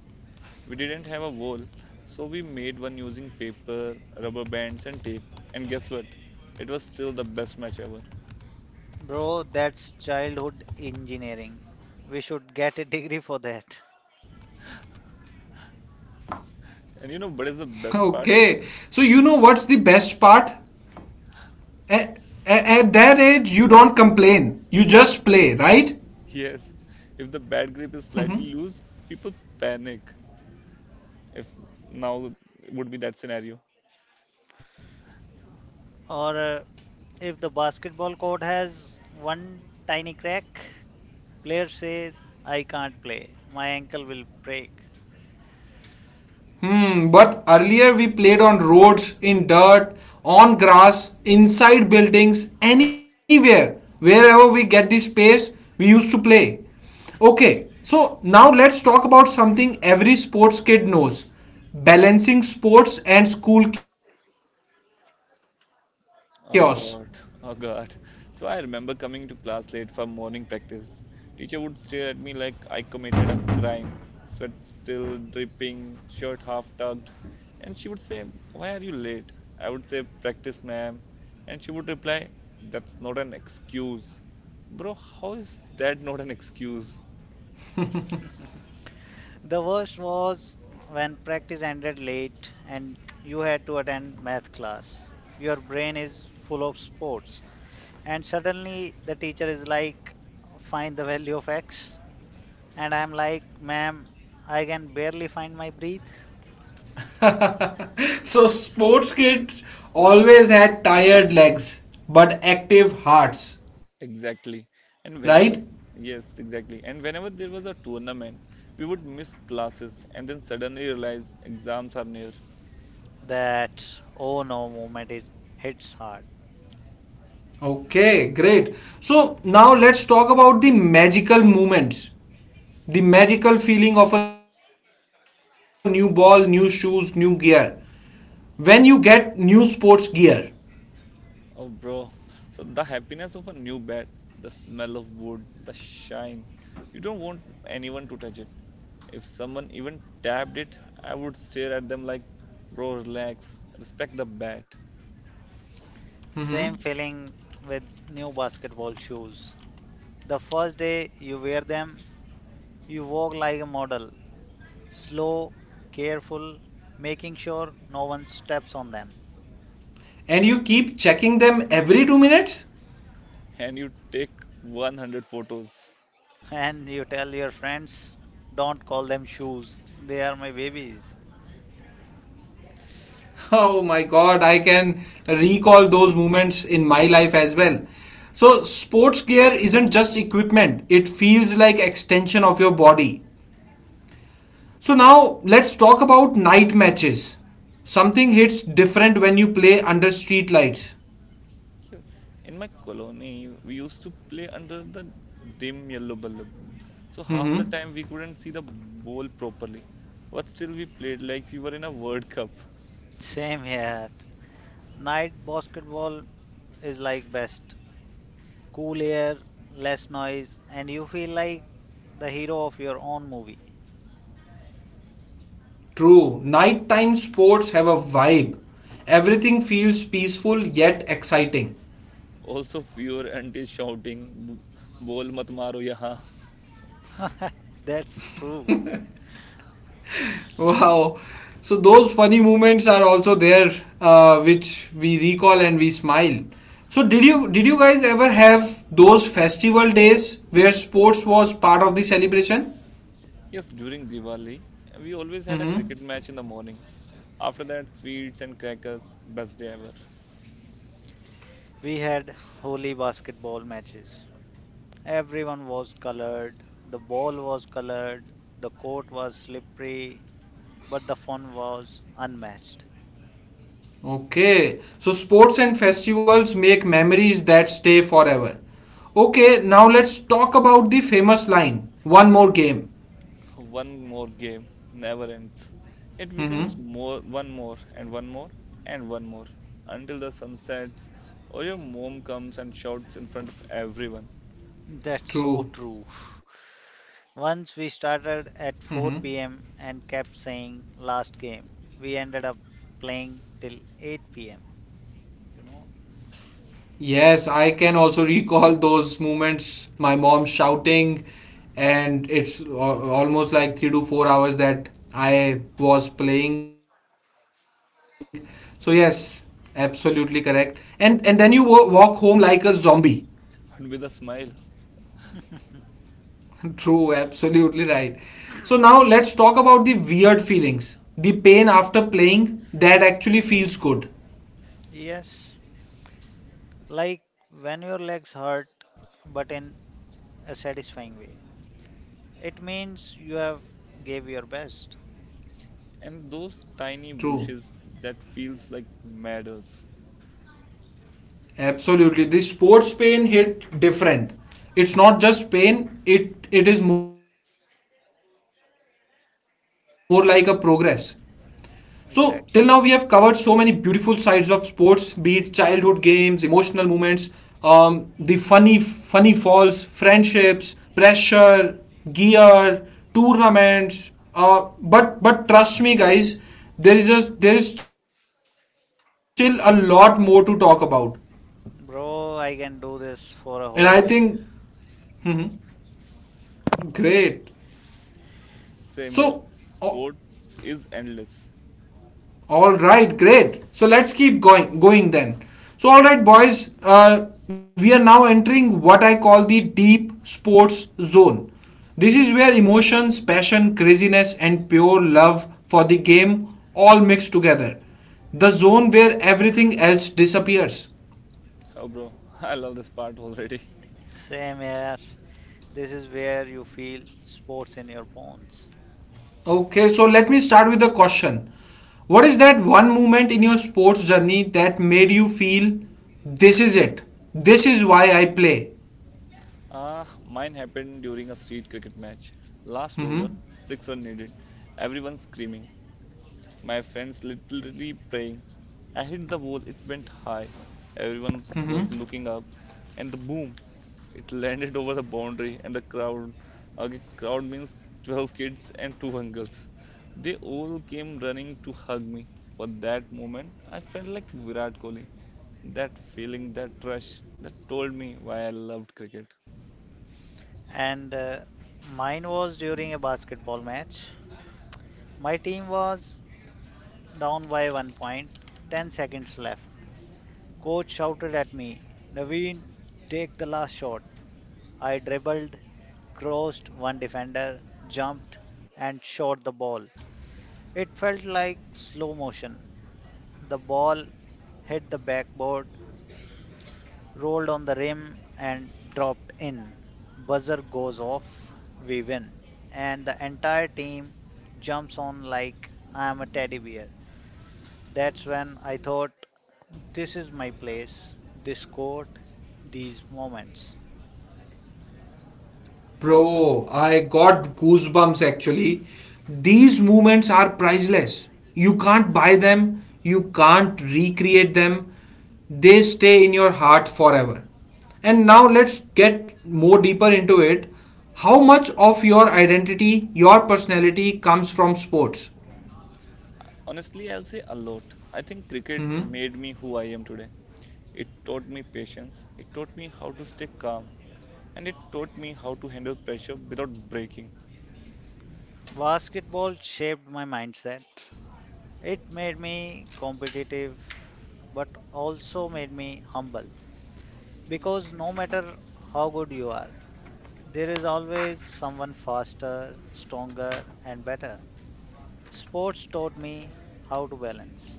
We didn't have a wall, so we made one using paper, rubber bands, and tape. And guess what? It was still the best match ever. Bro, that's childhood engineering. We should get a degree for that. And you know what is the Okay. best So you part? know what's the best part? At, at that age, you don't complain. You just play, right? Yes, if the bat grip is slightly loose, people panic. If now would be that scenario. Or if the basketball court has one tiny crack, player says, "I can't play, my ankle will break." Hmm. But earlier we played on roads, in dirt, on grass, inside buildings, anywhere, wherever we get the space, we used to play. Okay. So now let's talk about something every sports kid knows: balancing sports and school chaos. Oh God, oh God. So I remember coming to class late for morning practice. Teacher would stare at me like I committed a crime, sweat still dripping, shirt half tugged, and she would say, "Why are you late?" I would say, "Practice, ma'am," and she would reply, "That's not an excuse." Bro, how is that not an excuse? The worst was when practice ended late and you had to attend math class. Your brain is full of sports, and suddenly the teacher is like, find the value of x, and I'm like, ma'am, I can barely find my breath. So sports kids always had tired legs but active hearts, right? Exactly. And whenever, yes, exactly. And whenever there was a tournament, we would miss classes and then suddenly realize exams are near. That oh no moment is hits hard. Okay, great. So now let's talk about the magical moments, the magical feeling of a new ball, new shoes, new gear. When you get new sports gear Oh, bro. So the happiness of a new bed, the smell of wood, the shine. You don't want anyone to touch it. If someone even tapped it, I would stare at them like, bro, relax, respect the bat. Mhm. Same feeling with new basketball shoes. The first day you wear them, you walk like a model, slow, careful, making sure no one steps on them. and you keep checking them every 2 minutes, And you take 100 photos. And you tell your friends, don't call them shoes, they are my babies. Oh my god, I can recall those moments in my life as well. So sports gear isn't just equipment, it feels like extension of your body. So now Yes, let's talk about night matches. Something hits different when you play under street lights. yes. In my colony, we used to play under the dim yellow bulb. So half the Mhm. time we couldn't see the ball properly. But still we played like we were in a World Cup. Same here. Night basketball is like best. Cool air, less noise, and you feel like the hero of your own movie. True. Nighttime sports have a vibe. Everything feels peaceful yet exciting. Also, fewer aunties shouting, Bol mat maro yaha." That's true. Wow. So those funny moments are also there, which we recall and we smile. So did you guys ever have those festival days where sports was part of the celebration? Yes, during Diwali, we always had a Mm-hmm. cricket match in the morning. After that, sweets and crackers, best day ever. We had holy basketball matches. Everyone was colored, the ball was colored, the court was slippery, but the fun was unmatched. Okay. So sports and festivals make memories that stay forever. Okay. Now let's talk about the famous line. One more game. One more game never ends. It becomes Mm-hmm. more, one more, and one more, and one more, until the sun sets or your mom comes and shouts in front of everyone, That's so True. true. Mm-hmm. Once we started at 4 p.m. and kept saying last game, we ended up playing till 8 p.m. You know? Yes, I can also recall those moments. My mom shouting, and it's almost like 3 to 4 hours that I was playing. So yes, absolutely correct. And then you walk home like a zombie. but with a smile. True, absolutely right. So now let's talk about the weird feelings. The pain after playing that actually feels good. Yes. Like when your legs hurt, but in a satisfying way. It means you have gave your best. And those tiny True. brushes that feels like medals. Absolutely. The sports pain hit different. It's not just pain, it is more like a progress. So till now we have covered so many beautiful sides of Exactly. sports, be it childhood games, emotional moments, the funny funny falls, friendships, pressure, gear, tournaments. But trust me guys, there is a, there is still a lot more to talk about. Bro, I can do this for a And whole I day. think Mhm. Great. Same here. So, o- Sports is endless. all right, great. So let's keep going, going then. So, all right, boys, we are now entering what I call the deep sports zone. This is where emotions, passion, craziness, and pure love for the game all mix together. The zone where everything else disappears. Oh, bro, I love this part already. Same here. This is where you feel sports in your bones. Okay, so let me start with the question. What is that one moment in your sports journey that made you feel this is it? This is why I play? Ah, mine happened during a street cricket match. Last Mm-hmm. over, 6 run needed. Everyone screaming. My friends literally praying. I hit the ball, it went high. Everyone Mm-hmm. was looking up, and the boom, it landed over the boundary and the crowd. Okay, crowd means 12 kids and two uncles. They all came running to hug me. For that moment, I felt like Virat Kohli. That feeling, that rush, that told me why I loved cricket. And mine was during a basketball match. My team was down by 1 point, 10 seconds left. Coach shouted at me, "Naveen, take the last shot." I dribbled, crossed one defender, jumped, and shot the ball. It felt like slow motion. The ball hit the backboard, rolled on the rim, and dropped in. Buzzer goes off, we win. And the entire team jumps on like I am a teddy bear. That's when I thought, this is my place, this court, these moments. Bro, I got goosebumps actually. These moments are priceless. You can't buy them, you can't recreate them. They stay in your heart forever. And now Exactly. let's get more deeper into it. How much of your identity, your personality comes from sports? Honestly, I'll say a lot. I think cricket Mhm. made me who I am today. It taught me patience, it taught me how to stay calm, and it taught me how to handle pressure without breaking. Basketball shaped my mindset. It made me competitive, but also made me humble, because no matter how good you are, there is always someone faster, stronger, and better. Sports taught me how to balance.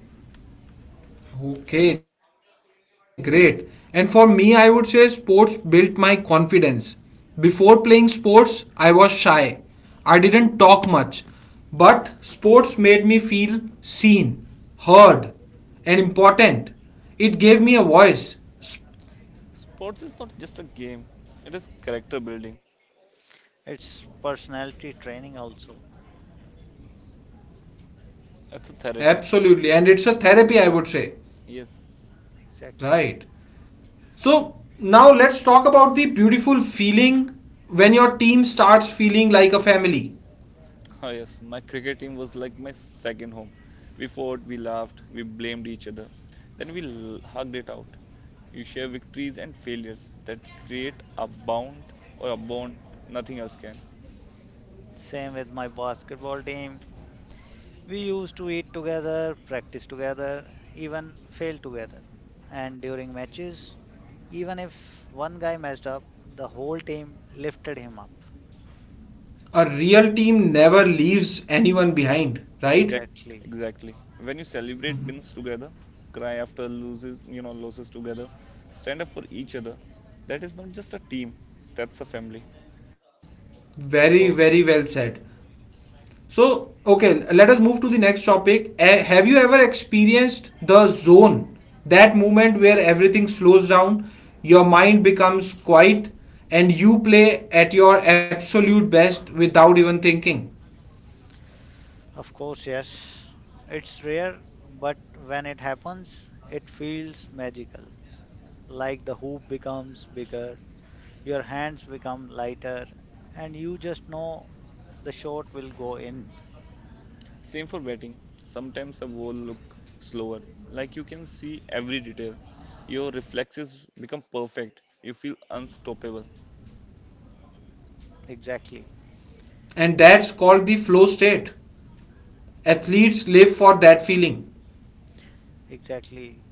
Okay, great. And for me, I would say sports built my confidence. Before playing sports, I was shy. I didn't talk much. But sports made me feel seen, heard, and important. It gave me a voice. S- Sports is not just a game, it is character building, It's personality training, also. it's a Absolutely. therapy. And it's a therapy, I would say. Yes, Right. Exactly. So now let's talk about the beautiful feeling when your team starts feeling like a family. oh yes, my cricket team was like my second home. We fought, we laughed, we blamed each other, then we hugged it out. You share victories and failures that create a bound or a bond nothing else can. Same with my basketball team. We used to eat together, practice together, even fail together. And during matches, even if one guy messed up, the whole team lifted him up. A real team never leaves anyone behind, right? Exact, Exactly. exactly. When you celebrate wins together, cry after losses together, stand up for each other. That is not just a team, that's a family. Very, So very true. well said. So, okay, let us move to the next topic. A- have you ever experienced the zone? That moment where everything slows down, your mind becomes quiet, and you play at your absolute best without even thinking. Of course, yes. It's rare, but when it happens, it feels magical. Like the hoop becomes bigger, your hands become lighter, and you just know the shot will go in. Same for betting. Sometimes the ball look slower. Like you can see every detail. Your reflexes become perfect. You feel unstoppable. Exactly. And that's called the flow state. Athletes live for that feeling. Exactly.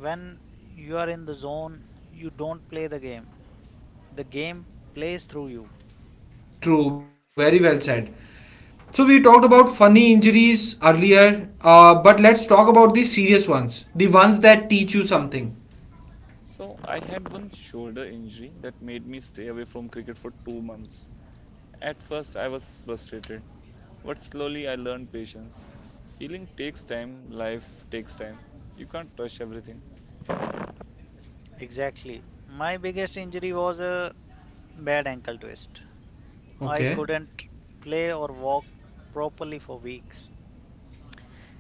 When you are in the zone, you don't play the game. The game plays through you. True, very well said. So we talked about funny injuries earlier, but let's talk about the serious ones, the ones that teach you something. So I had one shoulder injury that made me stay away from cricket for 2 months. At first, I was frustrated, but slowly I learned patience. Healing takes time, life takes time. You can't rush everything. Exactly. My biggest injury was a bad ankle twist. I Okay, couldn't play or walk properly for weeks.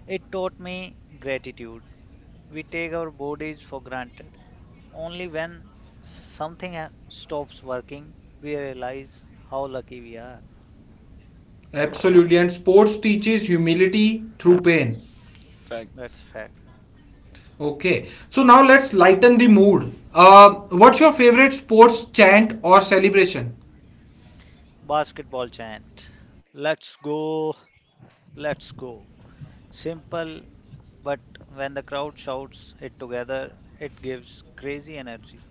It taught me gratitude. We take our bodies for granted. Only when stops working, we realize how lucky we are. absolutely. And sports teaches humility through pain. That's Facts. fact. Okay, so now let's lighten the mood. What's your favorite sports chant or celebration? Basketball chant. Let's go, let's go. Simple, but when the crowd shouts it together, it gives crazy energy.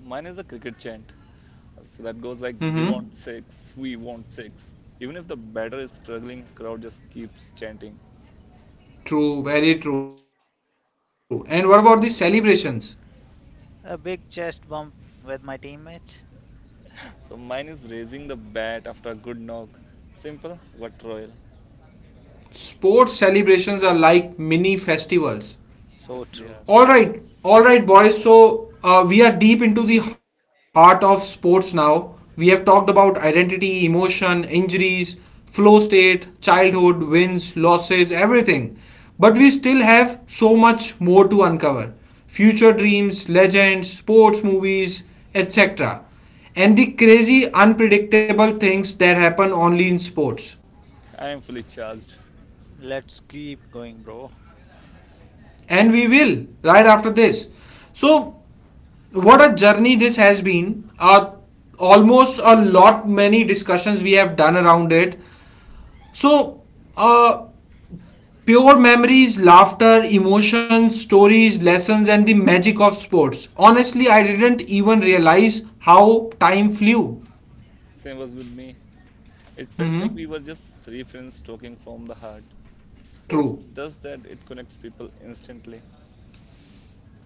Mine is a cricket chant. So that goes like, we want Mm-hmm. six, we want six. Even if the batter is struggling, crowd just keeps chanting. True, very true. And what about the celebrations? A big chest bump with my teammates. So mine is raising the bat after a good knock. Simple but royal. Sports celebrations are like mini festivals. So Yes, they are. true. All right, boys. So we are deep into the heart of sports now. We have talked about identity, emotion, injuries, flow state, childhood, wins, losses, everything. But we still have so much more to uncover future dreams, legends, sports movies, etc. And the crazy, unpredictable things that happen only in sports. I am fully charged. Let's keep going, bro. And we will right after this. So what a journey this has been. Almost a lot many discussions we have done around it. So, uh, pure memories, laughter, emotions, stories, lessons, and the magic of sports. Honestly, I didn't even realize how time flew. Same was with me. It felt like Hmm. we were just three friends talking from the heart. Sports True. does that. It connects people instantly,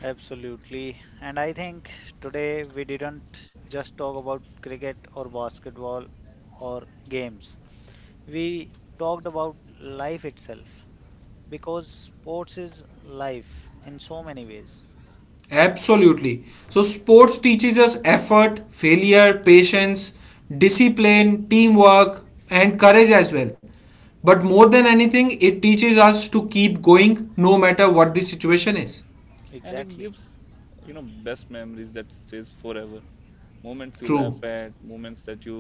Absolutely. And I think today we didn't just talk about cricket or basketball or games. We talked about life itself, because sports is life in so many ways. Absolutely. So, sports teaches us effort, failure, patience, discipline, teamwork, and courage as well. But more than anything, it teaches us to keep going no matter what the situation is. and it Exactly. gives best memories that stays forever. Moments you laugh True. at, moments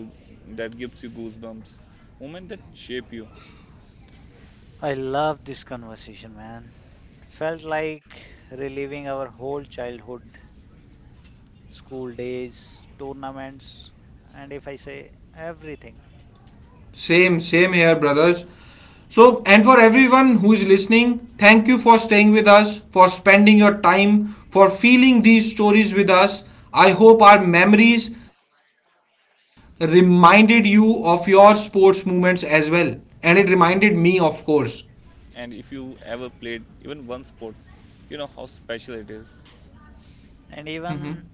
that gives you goosebumps, moments that shape you. I love this conversation, man. Felt like reliving our whole childhood, school days, tournaments, and if I say everything. Same, same here, brothers. So, and for everyone who is listening, thank you for staying with us, for spending your time, for feeling these stories with us. I hope our memories reminded you of your sports moments as well. And it reminded me, of course. And if you ever played even one sport, you know how special it is. And Mm-hmm. even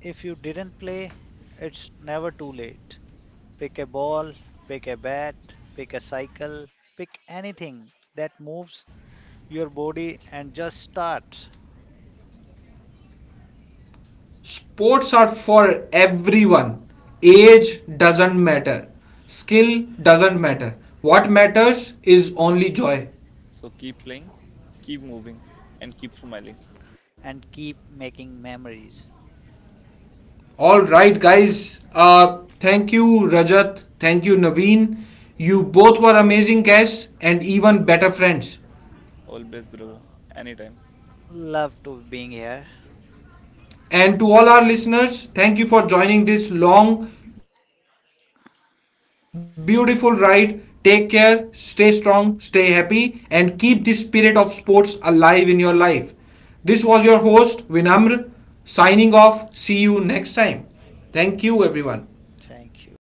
if you didn't play, it's never too late. Pick a ball, pick a bat, pick a cycle, pick anything that moves your body and just start Sports are for everyone. Age doesn't matter. Skill doesn't matter. What matters is only joy. So keep playing, keep moving, and keep smiling. and keep making memories. All right, guys. Thank you, Rajat. Thank you, Naveen. You both were amazing guests and even better friends. Always bravo. Anytime. Love to being here. And to all our listeners, thank you for joining this long, beautiful ride. Take care, stay strong, stay happy, and keep the spirit of sports alive in your life. This was your host, Vinamr, signing off. See you next time. Thank you, everyone. Thank you.